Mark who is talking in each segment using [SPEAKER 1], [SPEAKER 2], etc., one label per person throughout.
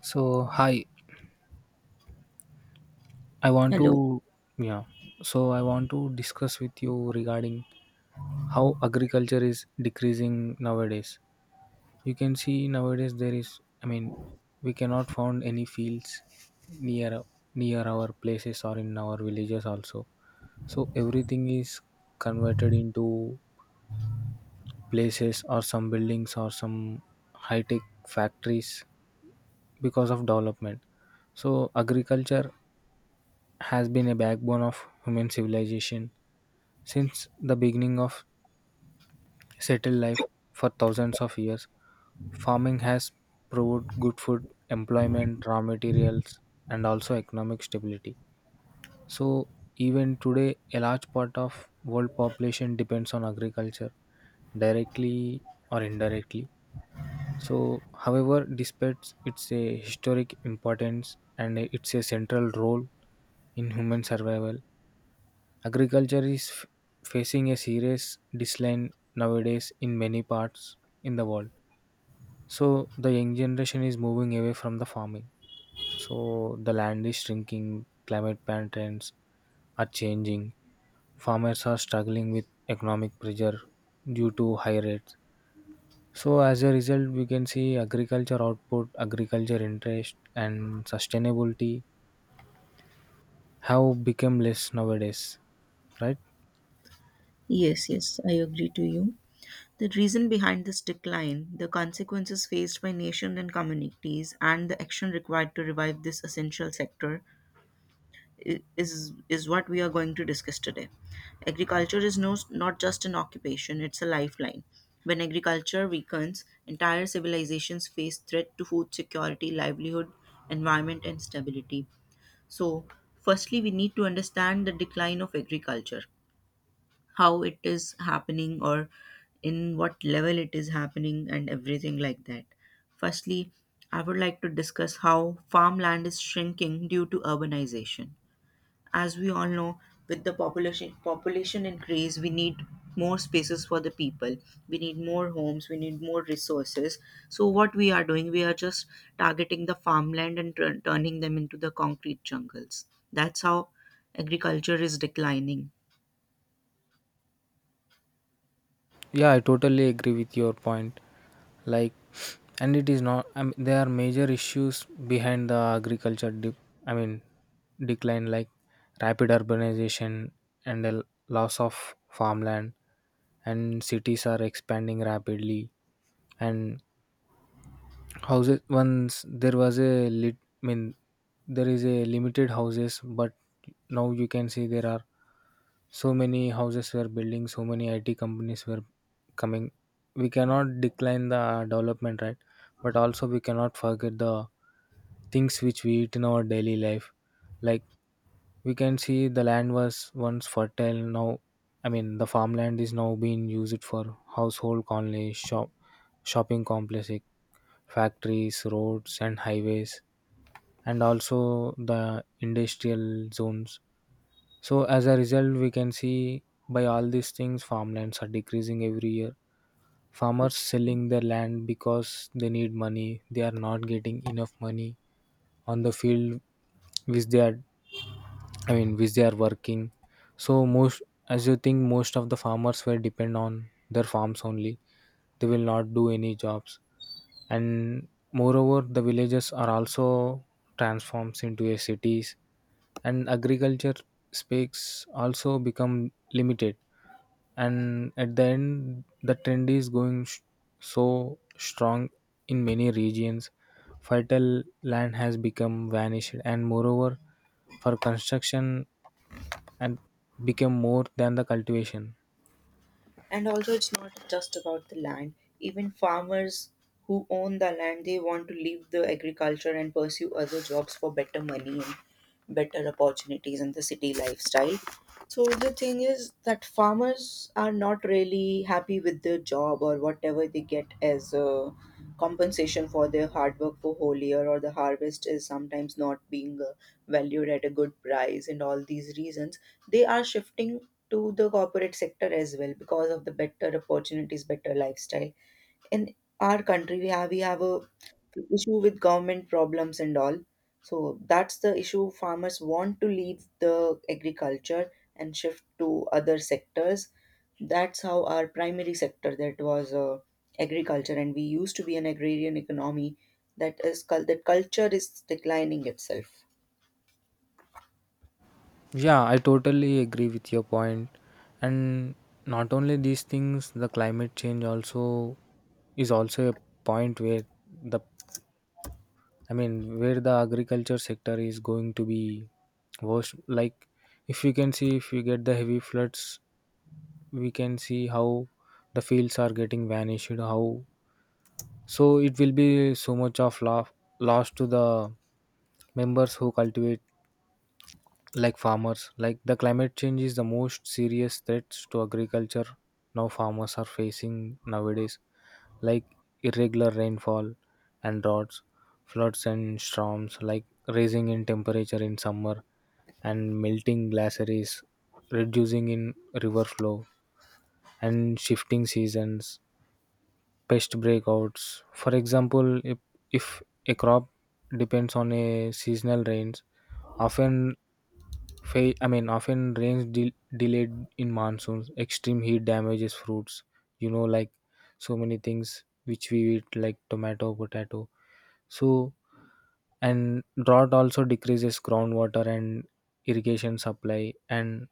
[SPEAKER 1] So, hi, I want
[SPEAKER 2] Hello.
[SPEAKER 1] to, yeah, so I want to discuss with you regarding how agriculture is decreasing nowadays. You can see nowadays there is, I mean, we cannot found any fields near near our places or in our villages also. So everything is converted into places or some buildings or some high tech factories because of development. So agriculture has been a backbone of human civilization since the beginning of settled life. For thousands of years, farming has proved good food, employment, raw materials, and also economic stability. So, even today, a large part of world population depends on agriculture, directly or indirectly. So, however, despite its a historic importance and its a central role in human survival, agriculture is facing a serious decline nowadays in many parts in the world. So the young generation is moving away from the farming. So the land is shrinking, climate patterns are changing. Farmers are struggling with economic pressure due to high rates. So as a result, we can see agriculture output, agriculture interest, and sustainability have become less nowadays, right?
[SPEAKER 2] Yes, yes, I agree to you. The reason behind this decline, the consequences faced by nation and communities, and the action required to revive this essential sector i- is is what we are going to discuss today. Agriculture is not just an occupation, it's a lifeline. When agriculture weakens, entire civilizations face threat to food security, livelihood, environment and stability. So, firstly we need to understand the decline of agriculture. How it is happening or in what level it is happening and everything like that. Firstly, I would like to discuss how farmland is shrinking due to urbanization. As we all know, with the population increase, we need more spaces for the people. We need more homes. We need more resources. So what we are doing, we are just targeting the farmland and turning them into the concrete jungles. That's how agriculture is declining.
[SPEAKER 1] Yeah, I totally agree with your point. Like, and it is not. I mean, there are major issues behind the agriculture. I mean, decline like rapid urbanization and the loss of farmland, and cities are expanding rapidly. And houses once there was a lit. I mean, there is a limited houses, but now you can see there are so many houses were building, so many IT companies were coming. We cannot decline the development, right? But also we cannot forget the things which we eat in our daily life, like we can see the land was once fertile now. I mean the farmland is now being used for household colony, shopping complexes, factories, roads and highways, and also the industrial zones. So as a result we can see by all these things farmlands are decreasing every year. Farmers selling their land because they need money, they are not getting enough money on the field which they are, I mean which they are working. So most, as you think, most of the farmers were depend on their farms only. They will not do any jobs. And moreover the villages are also transforms into a cities, and agriculture speaks also become limited. And at the end the trend is going so strong in many regions. Fertile land has become vanished, and moreover for construction and became more than the cultivation.
[SPEAKER 2] And also, it's not just about the land. Even farmers who own the land, they want to leave the agriculture and pursue other jobs for better money and better opportunities in the city lifestyle. So the thing is that farmers are not really happy with their job or whatever they get as a compensation for their hard work for whole year, or the harvest is sometimes not being valued at a good price, and all these reasons they are shifting to the corporate sector as well because of the better opportunities, better lifestyle. In our country, we have a issue with government problems and all. So that's the issue. Farmers want to leave the agriculture and shift to other sectors. That's how our primary sector that was agriculture, and we used to be an agrarian economy. That is that culture is declining itself.
[SPEAKER 1] Yeah, I totally agree with your point. And not only these things, the climate change also is also a point where the, I mean, where the agriculture sector is going to be worse. Like, if we can see, if we get the heavy floods, we can see how the fields are getting vanished. How, so, it will be so much of loss to the members who cultivate, like farmers. Like, the climate change is the most serious threats to agriculture now farmers are facing nowadays, like irregular rainfall and droughts, floods and storms, like rising in temperature in summer and melting glaciers, reducing in river flow and shifting seasons, pest breakouts. For example, if a crop depends on a seasonal rains, often I mean often rains delayed in monsoons, extreme heat damages fruits. You know, like so many things which we eat, like tomato, potato. So, and drought also decreases groundwater and irrigation supply, and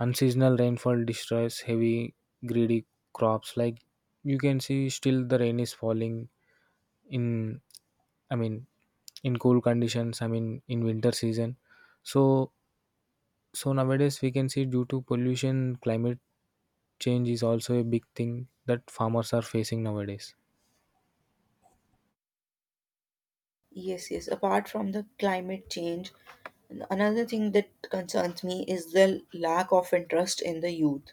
[SPEAKER 1] unseasonal rainfall destroys heavy, greedy crops. Like you can see, still the rain is falling in, I mean, in cool conditions, I mean, in winter season. So, so nowadays we can see due to pollution, climate change is also a big thing that farmers are facing nowadays.
[SPEAKER 2] Yes, yes. Apart from the climate change, another thing that concerns me is the lack of interest in the youth.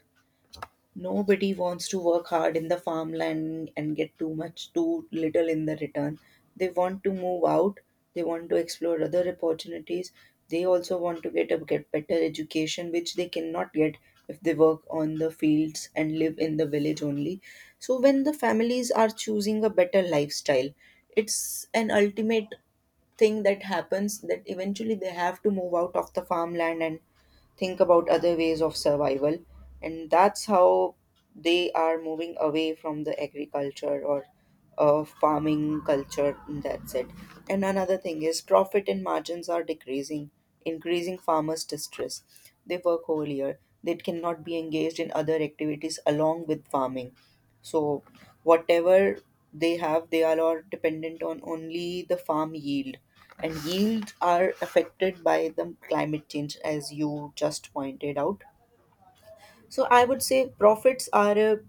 [SPEAKER 2] Nobody wants to work hard in the farmland and get too much, too little in the return. They want to move out, they want to explore other opportunities, they also want to get better education, which they cannot get if they work on the fields and live in the village only. So, when the families are choosing a better lifestyle, it's an ultimate thing that happens, that eventually they have to move out of the farmland and think about other ways of survival, and that's how they are moving away from the agriculture or farming culture. That's it. And another thing is profit and margins are decreasing, increasing farmers distress. They work whole year, they cannot be engaged in other activities along with farming. So whatever they have, they are all dependent on only the farm yield. And yields are affected by the climate change, as you just pointed out. So I would say profits are a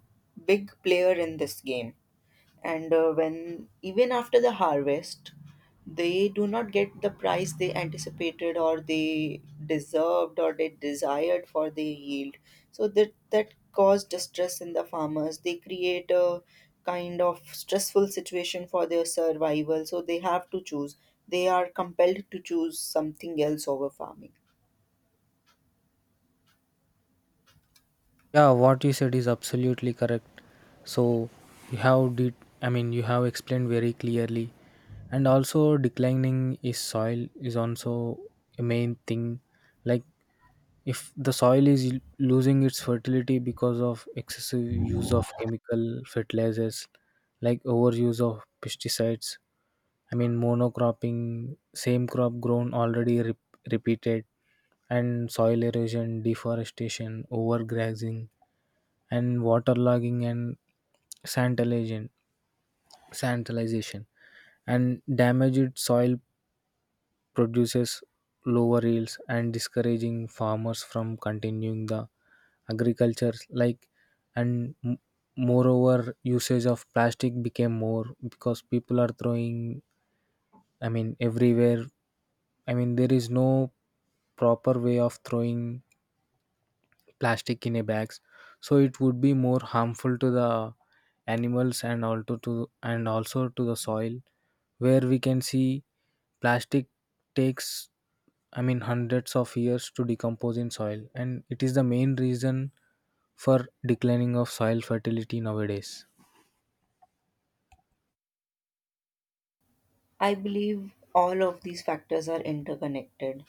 [SPEAKER 2] big player in this game, and when even after the harvest they do not get the price they anticipated or they deserved or they desired for the yield, so that cause distress in the farmers. They create a kind of stressful situation for their survival, so they have to choose, they are compelled to choose something else over farming.
[SPEAKER 1] Yeah, what you said is absolutely correct. So you have did, I mean you have explained very clearly. And also declining is soil is also a main thing. Like if the soil is losing its fertility because of excessive use of chemical fertilizers, like overuse of pesticides, I mean monocropping, same crop grown already repeated, and soil erosion, deforestation, overgrazing and waterlogging and sandalization, sandalization and damaged soil produces lower yields and discouraging farmers from continuing the agriculture. Like and moreover usage of plastic became more because people are throwing, I mean, everywhere. I mean, there is no proper way of throwing plastic in a bags. So it would be more harmful to the animals and also to the soil, where we can see plastic takes, I mean, hundreds of years to decompose in soil, and it is the main reason for declining of soil fertility nowadays.
[SPEAKER 2] I believe all of these factors are interconnected.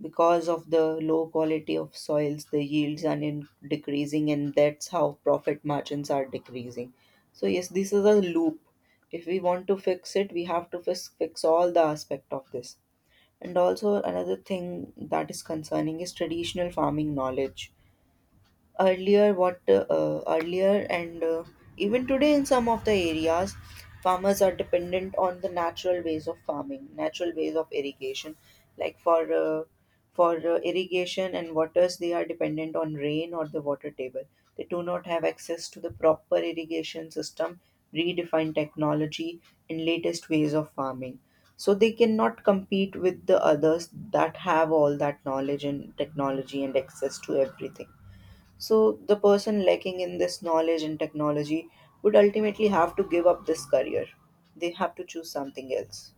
[SPEAKER 2] Because of the low quality of soils, the yields are in decreasing, and that's how profit margins are decreasing. So, yes, this is a loop. If we want to fix it, we have to fix all the aspect of this. And also, another thing that is concerning is traditional farming knowledge. Earlier what earlier and even today in some of the areas, farmers are dependent on the natural ways of farming, natural ways of irrigation. Like for irrigation and waters, they are dependent on rain or the water table. They do not have access to the proper irrigation system, redefined technology and latest ways of farming. So they cannot compete with the others that have all that knowledge and technology and access to everything. So the person lacking in this knowledge and technology would ultimately have to give up this career. They have to choose something else.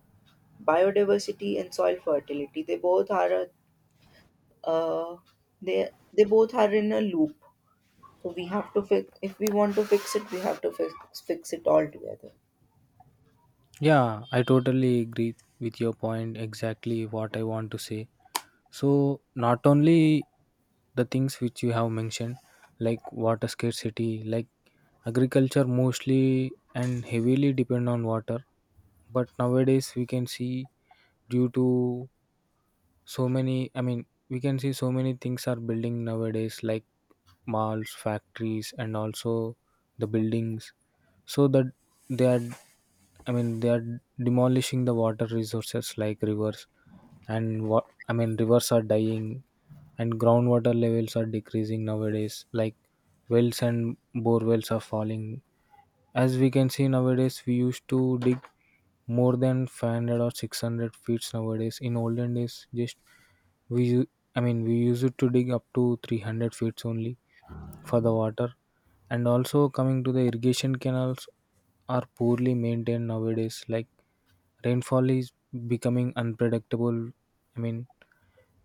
[SPEAKER 2] Biodiversity and soil fertility, they both are a, uh, they they both are in a loop. So we have to fix. If we want to fix it, we have to fix it all together.
[SPEAKER 1] Yeah, I totally agree with your point. Exactly what I want to say. So not only the things which you have mentioned, like water scarcity, like agriculture mostly and heavily depend on water. But nowadays we can see due to so many, I mean, we can see so many things are building nowadays, like malls, factories, and also the buildings. So that they are, I mean, they are demolishing the water resources, like rivers. And what, I mean, rivers are dying and groundwater levels are decreasing nowadays, like wells and bore wells are falling. As we can see nowadays, we used to dig more than 500 or 600 feet nowadays. In olden days, just we, I mean, we used to dig up to 300 feet only for the water. And also, coming to the irrigation canals, are poorly maintained nowadays. Like rainfall is becoming unpredictable. I mean,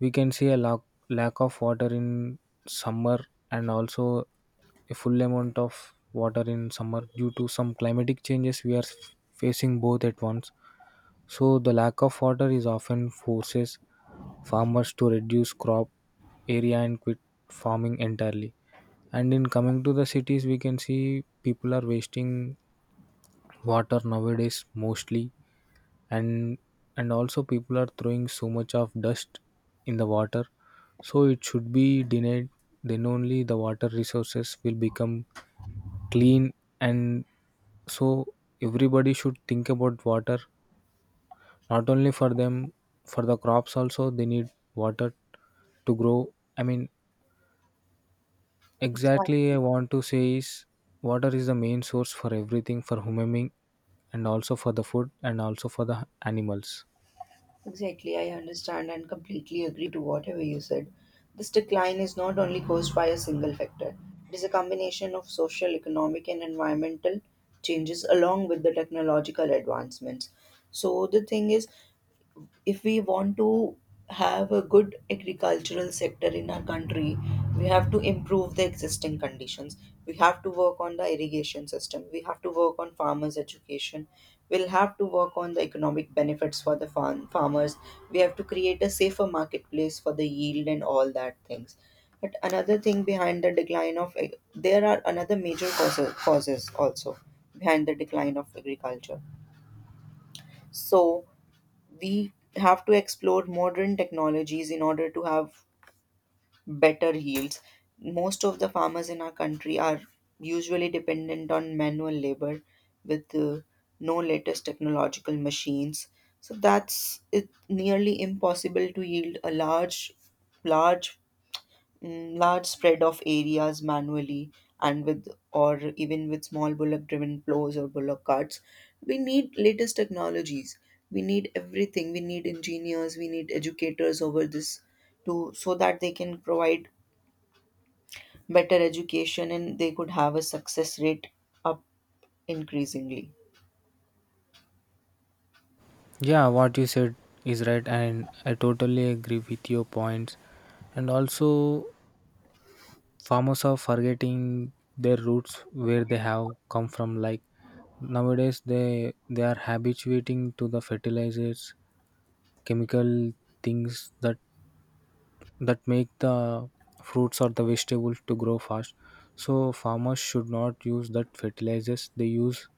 [SPEAKER 1] we can see a lack of water in summer and also a full amount of water in summer due to some climatic changes we are facing both at once. So the lack of water is often forces farmers to reduce crop area and quit farming entirely. And in coming to the cities we can see people are wasting water nowadays mostly. And also people are throwing so much of dust in the water, so it should be denied. Then only the water resources will become clean. And so everybody should think about water, not only for them, for the crops also they need water to grow. I mean, exactly
[SPEAKER 2] Exactly.
[SPEAKER 1] I want to say is water is the main source for everything for human being, and also for the food and also for the animals.
[SPEAKER 2] Exactly, I understand and completely agree to whatever you said. This decline is not only caused by a single factor, it is a combination of social, economic, and environmental changes along with the technological advancements. So, the thing is, if we want to have a good agricultural sector in our country, we have to improve the existing conditions. We have to work on the irrigation system, we have to work on farmers education, we'll have to work on the economic benefits for the farmers, we have to create a safer marketplace for the yield and all that things. But another thing behind the decline of there are another major causes also behind the decline of agriculture. So we have to explore modern technologies in order to have better yields. Most of the farmers in our country are usually dependent on manual labor with no latest technological machines. So that's it nearly impossible to yield a large large spread of areas manually, and with or even with small bullock driven plows or bullock carts, we need latest technologies, we need everything, we need engineers, we need educators over this, to so that they can provide better education and they could have a success rate up increasingly.
[SPEAKER 1] Yeah, what you said is right, and I totally agree with your points. And also, farmers are forgetting their roots where they have come from. Like nowadays, they are habituating to the fertilizers, chemical things that make the fruits or the vegetables to grow fast. So farmers should not use that fertilizers. They use,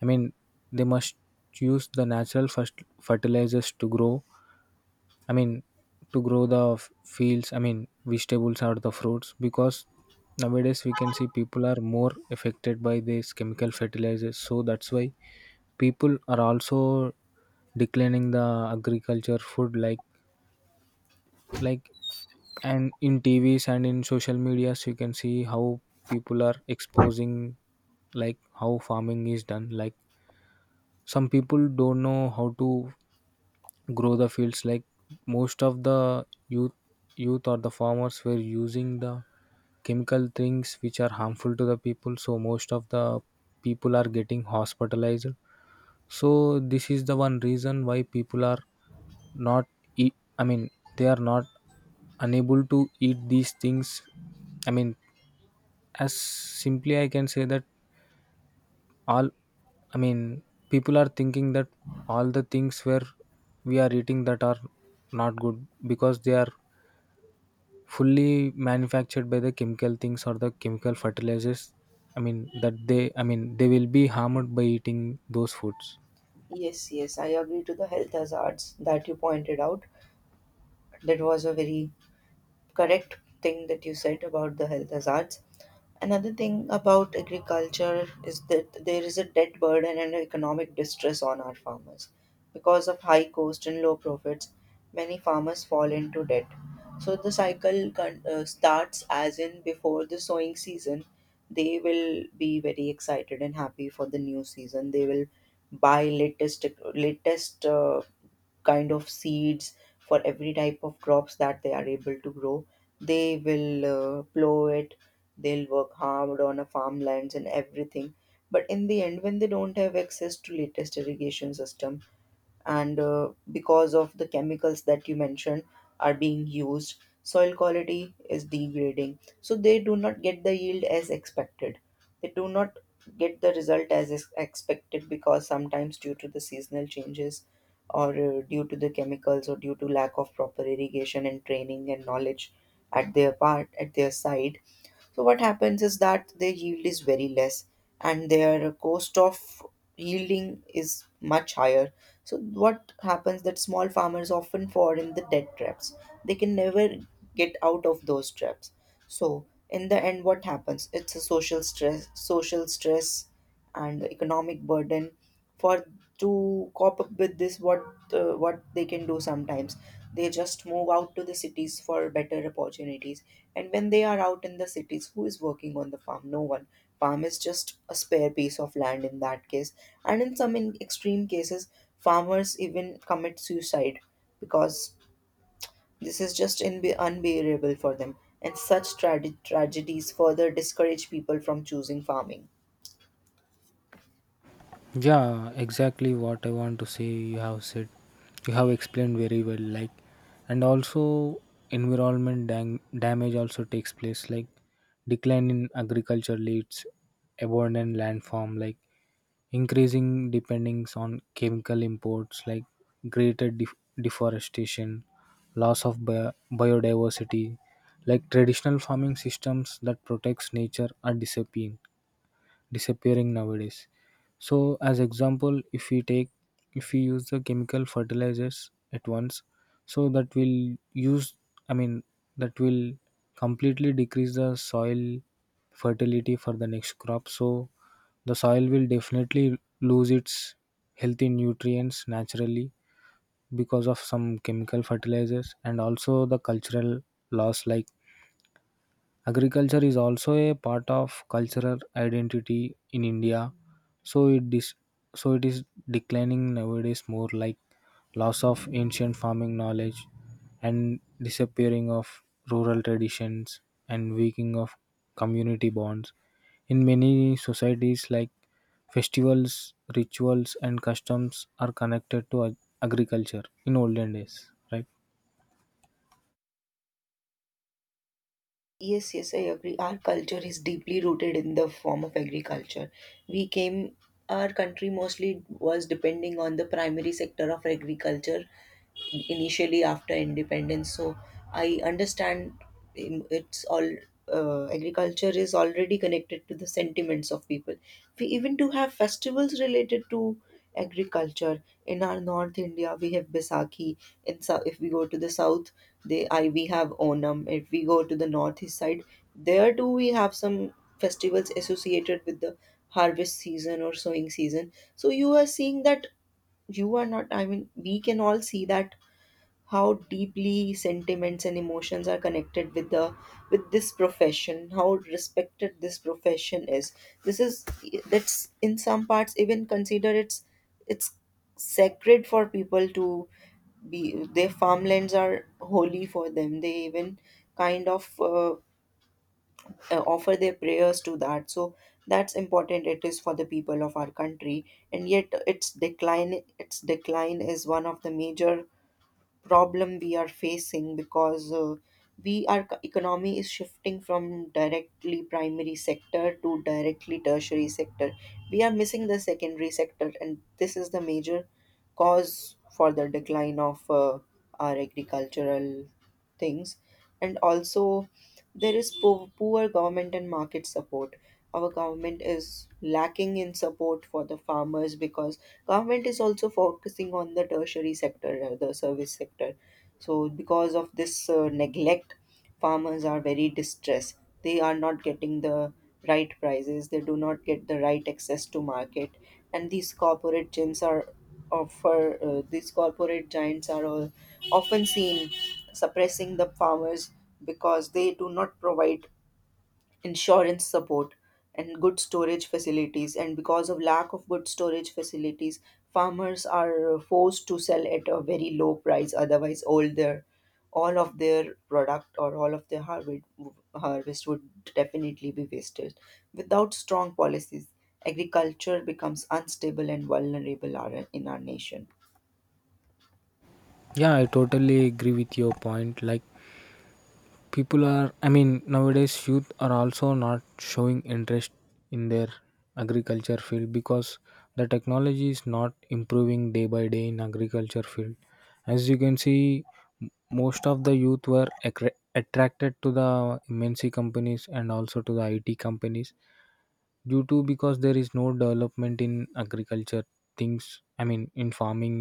[SPEAKER 1] I mean, they must use the natural first fertilizers to grow, I mean, to grow the fields, I mean, vegetables or the fruits, because nowadays we can see people are more affected by these chemical fertilizers. So that's why people are also declining the agriculture food, like like and in TVs and in social medias you can see how people are exposing, like how farming is done, like some people don't know how to grow the fields, like most of the youth or the farmers were using the chemical things which are harmful to the people. So most of the people are getting hospitalized. So this is the one reason why people are not eat, I mean, they are not unable to eat these things. I mean, as simply I can say that, all, I mean, people are thinking that all the things where we are eating that are not good because they are fully manufactured by the chemical things or the chemical fertilizers. I mean that they, I mean they will be harmed by eating those foods.
[SPEAKER 2] Yes, yes, I agree to the health hazards that you pointed out. That was a very correct thing that you said about the health hazards. Another thing about agriculture is that there is a debt burden and economic distress on our farmers. Because of high cost and low profits, many farmers fall into debt. So the cycle starts as in before the sowing season, they will be very excited and happy for the new season. They will buy latest kind of seeds for every type of crops that they are able to grow. They will plow it, they'll work hard on a farmlands and everything, but in the end when they don't have access to latest irrigation system, and because of the chemicals that you mentioned are being used, soil quality is degrading, so they do not get the yield as expected. They do not get the result as is expected, because sometimes due to the seasonal changes or due to the chemicals or due to lack of proper irrigation and training and knowledge at their part at their side. So what happens is that their yield is very less and their cost of yielding is much higher. So what happens that small farmers often fall in the debt traps. They can never get out of those traps. So in the end what happens? It's a social stress and economic burden. For to cope up with this, what they can do sometimes, they just move out to the cities for better opportunities. And when they are out in the cities, who is working on the farm? No one. Farm is just a spare piece of land in that case. And in some in extreme cases, farmers even commit suicide because this is just unbearable for them. And such tragedies further discourage people from choosing farming.
[SPEAKER 1] Yeah, exactly what I want to say. You have said, you have explained very well. Like, and also environment damage also takes place. Like, decline in agriculture leads abandoned landform. Like, increasing dependence on chemical imports. Like, greater deforestation, loss of biodiversity. Like traditional farming systems that protects nature are disappearing nowadays. So, as example, if we take, if we use the chemical fertilizers at once, so that will use, I mean that will completely decrease the soil fertility for the next crop. So the soil will definitely lose its healthy nutrients naturally because of some chemical fertilizers. And also the cultural loss, like agriculture is also a part of cultural identity in India, so it is, so it is declining nowadays more, like loss of ancient farming knowledge and disappearing of rural traditions and weakening of community bonds. In many societies like festivals, rituals and customs are connected to agriculture in olden days, right?
[SPEAKER 2] Yes, yes, I agree. Our culture is deeply rooted in the form of agriculture. We came, our country mostly was depending on the primary sector of agriculture initially after independence. So I understand, it's all agriculture is already connected to the sentiments of people. We even do have festivals related to agriculture. In our North India we have Baisakhi, if we go to the south, they I we have Onam. If we go to the northeast side, there too we have some festivals associated with the harvest season or sowing season. So you are seeing that, you are not I mean we can all see that how deeply sentiments and emotions are connected with the, with this profession, how respected this profession is. This is That's in some parts even considered it's sacred for people to be their farmlands are holy for them. They even kind of offer their prayers to that. So that's important it is for the people of our country. And yet its decline, its decline is one of the major problem we are facing because, we our co- economy is shifting from directly primary sector to directly tertiary sector. We are missing the secondary sector and this is the major cause for the decline of our agricultural things. And also there is poor government and market support. Our government is lacking in support for the farmers because government is also focusing on the tertiary sector, the service sector. So because of this neglect, farmers are very distressed. They are not getting the right prices, they do not get the right access to market. And these corporate gyms are offer, these corporate giants are all often seen suppressing the farmers because they do not provide insurance support and good storage facilities. And because of lack of good storage facilities, farmers are forced to sell at a very low price, otherwise all their, all of their product or all of their harvest would definitely be wasted. Without strong policies, agriculture becomes unstable and vulnerable in our nation.
[SPEAKER 1] Yeah, I totally agree with your point. Like people are, I mean, nowadays youth are also not showing interest in their agriculture field because the technology is not improving day by day in agriculture field, as you can see. m- Most of the youth were attracted to the MNC companies and also to the IT companies due to because there is no development in agriculture things, I mean, in farming.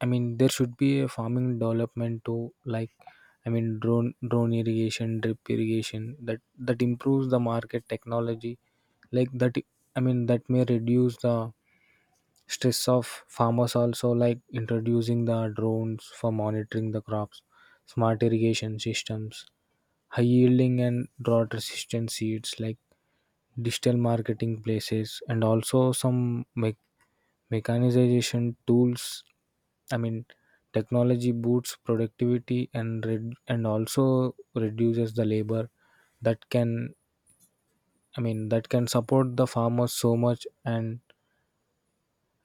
[SPEAKER 1] I mean, there should be a farming development to, like, I mean, drone irrigation, drip irrigation that improves the market technology. Like that, I mean, that may reduce the stress of farmers. Also, like introducing the drones for monitoring the crops, smart irrigation systems, high yielding and drought resistant seeds, like digital marketing places, and also some mechanization tools. I mean, technology boosts productivity and red, and also reduces the labor that can, I mean that can support the farmers so much. and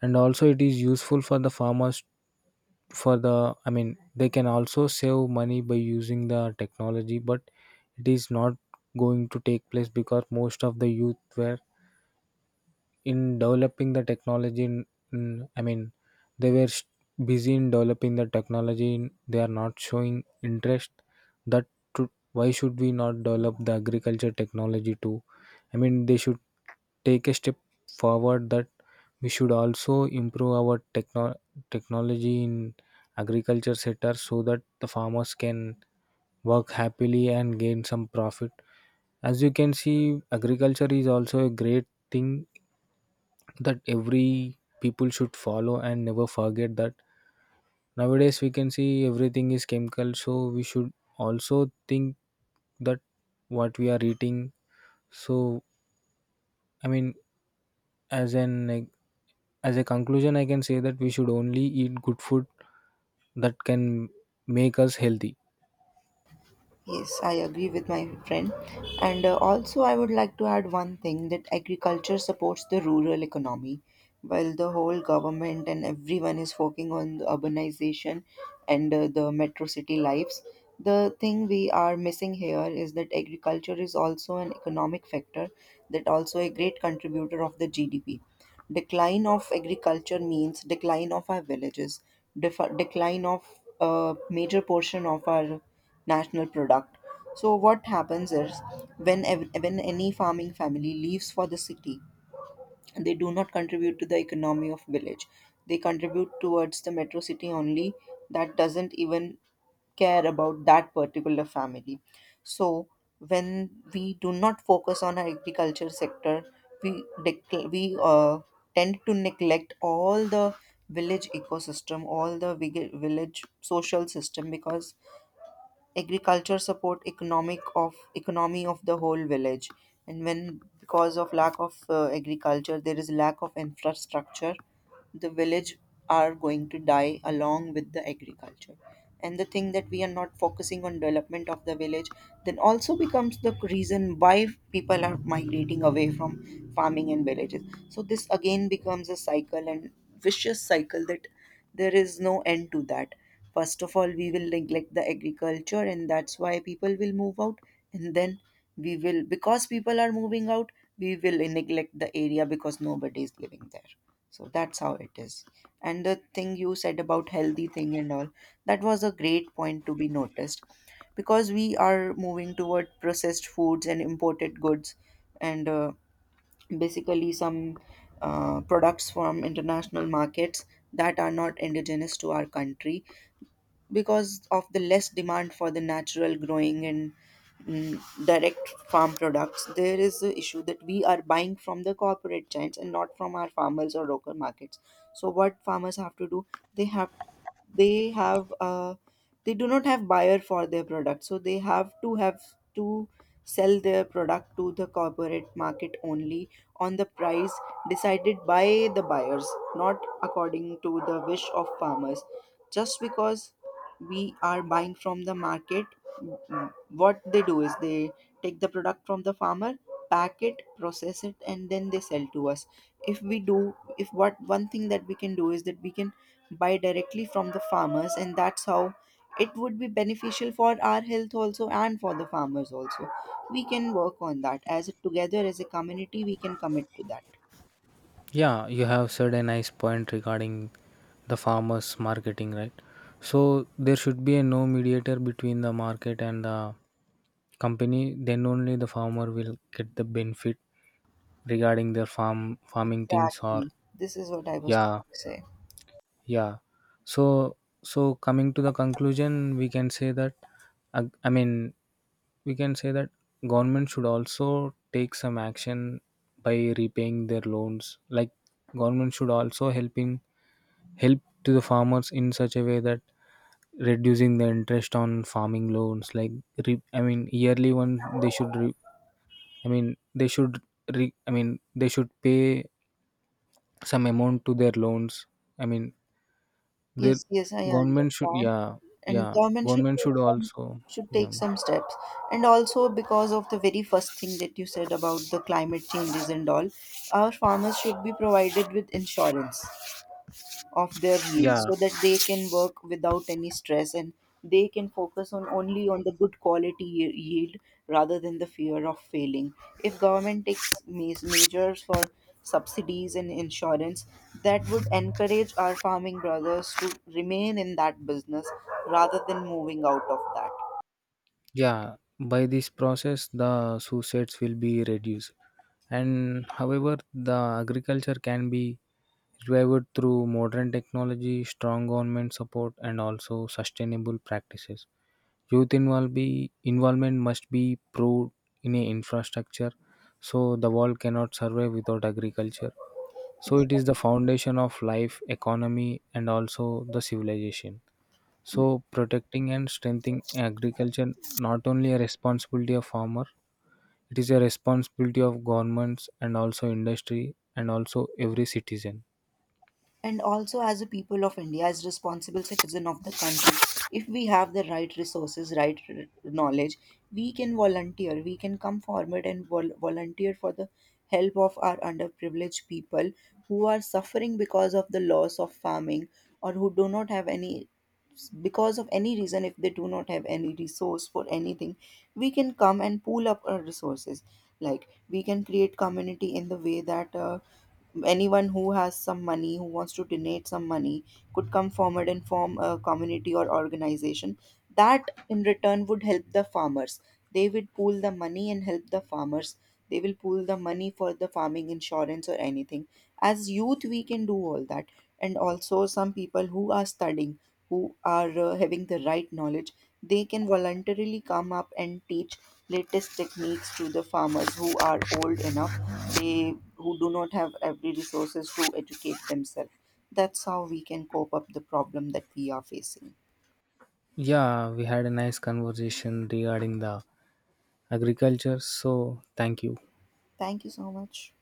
[SPEAKER 1] and also it is useful for the farmers for the, I mean they can also save money by using the technology. But it is not going to take place because most of the youth were in developing the technology in I mean they were busy in developing the technology in- they are not showing interest that to, why should we not develop the agriculture technology too. I mean they should take a step forward that we should also improve our technology in agriculture sector so that the farmers can work happily and gain some profit. As you can see, agriculture is also a great thing that every people should follow and never forget that nowadays we can see everything is chemical. So we should also think that what we are eating. So, I mean, as an, like, as a conclusion I can say that we should only eat good food that can make us healthy.
[SPEAKER 2] Yes, I agree with my friend. And also, I would like to add one thing that agriculture supports the rural economy, while the whole government and everyone is focusing on the urbanization and the metro city lives. The thing we are missing here is that agriculture is also an economic factor, that also a great contributor of the GDP. Decline of agriculture means decline of our villages, decline of a major portion of our national product. So what happens is when when any farming family leaves for the city, they do not contribute to the economy of village, they contribute towards the metro city only, that doesn't even care about that particular family. So when we do not focus on our agriculture sector, we tend to neglect all the village ecosystem, all the village social system, because agriculture support economic of economy of the whole village. And when because of lack of agriculture there is lack of infrastructure, the village are going to die along with the agriculture. And the thing that we are not focusing on development of the village then also becomes the reason why people are migrating away from farming and villages. So this again becomes a cycle, and vicious cycle that there is no end to that. First of all we will neglect the agriculture and that's why people will move out, and then we will, because people are moving out, we will neglect the area because nobody is living there. So that's how it is. And the thing you said about healthy thing and all, that was a great point to be noticed because we are moving toward processed foods and imported goods, and basically some products from international markets that are not indigenous to our country. Because of the less demand for the natural growing and direct farm products, there is the issue that we are buying from the corporate giants and not from our farmers or local markets. So what farmers have to do, they have, they have, they do not have buyer for their product, so they have to sell their product to the corporate market only, on the price decided by the buyers, not according to the wish of farmers. Just because we are buying from the market, what they do is they take the product from the farmer, pack it, process it, and then they sell to us. If we do, if what one thing that we can do is that we can buy directly from the farmers, and that's how it would be beneficial for our health also and for the farmers also. We can work on that as a, together as a community we can commit to that.
[SPEAKER 1] Yeah, you have said a nice point regarding the farmers marketing, right? So there should be a no mediator between the market and the company. Then only the farmer will get the benefit regarding their farming things or...
[SPEAKER 2] Exactly, this is what I was
[SPEAKER 1] Yeah.
[SPEAKER 2] trying to say.
[SPEAKER 1] Yeah. So, so coming to the conclusion we can say that, I mean, we can say that government should also take some action by repaying their loans, like government should also helping help to the farmers in such a way that reducing the interest on farming loans, like re, I mean yearly one they should re, I mean they should re, I mean they should pay some amount to their loans. I mean, the
[SPEAKER 2] Yes, yes, I
[SPEAKER 1] government should,
[SPEAKER 2] understand.
[SPEAKER 1] yeah,
[SPEAKER 2] And
[SPEAKER 1] yeah,
[SPEAKER 2] government should
[SPEAKER 1] government
[SPEAKER 2] take
[SPEAKER 1] should
[SPEAKER 2] some,
[SPEAKER 1] also,
[SPEAKER 2] should
[SPEAKER 1] yeah,
[SPEAKER 2] take some steps. And also because of the very first thing that you said about the climate changes and all, our farmers should be provided with insurance of their meal
[SPEAKER 1] yeah,
[SPEAKER 2] so that they can work without any stress, and they can focus on only on the good quality yield rather than the fear of failing. If government takes measures for subsidies and insurance, that would encourage our farming brothers to remain in that business rather than moving out of that.
[SPEAKER 1] yeah. By this process, the suicides will be reduced. And however, the agriculture can be revived through modern technology, strong government support, and also sustainable practices. Youth involve be, involvement must be proved in a infrastructure, so the world cannot survive without agriculture. So it is the foundation of life economy and also the civilization. So protecting and strengthening agriculture not only a responsibility of farmer, it is a responsibility of governments and also industry and also every citizen.
[SPEAKER 2] And also as a people of India, as responsible citizen of the country, if we have the right resources, right knowledge, we can volunteer, we can come forward and volunteer for the help of our underprivileged people who are suffering because of the loss of farming, or who do not have any, because of any reason if they do not have any resource for anything, we can come and pool up our resources. Like we can create community in the way that, anyone who has some money, who wants to donate some money could come forward and form a community or organization that in return would help the farmers. They would pool the money and help the farmers. They will pool the money for the farming insurance or anything. As youth we can do all that. And also some people who are studying, who are having the right knowledge, they can voluntarily come up and teach latest techniques to the farmers who are old enough, they who do not have every resources to educate themselves. That's how we can cope up the problem that we are facing.
[SPEAKER 1] Yeah, we had a nice conversation regarding the agriculture. So thank you.
[SPEAKER 2] Thank you so much.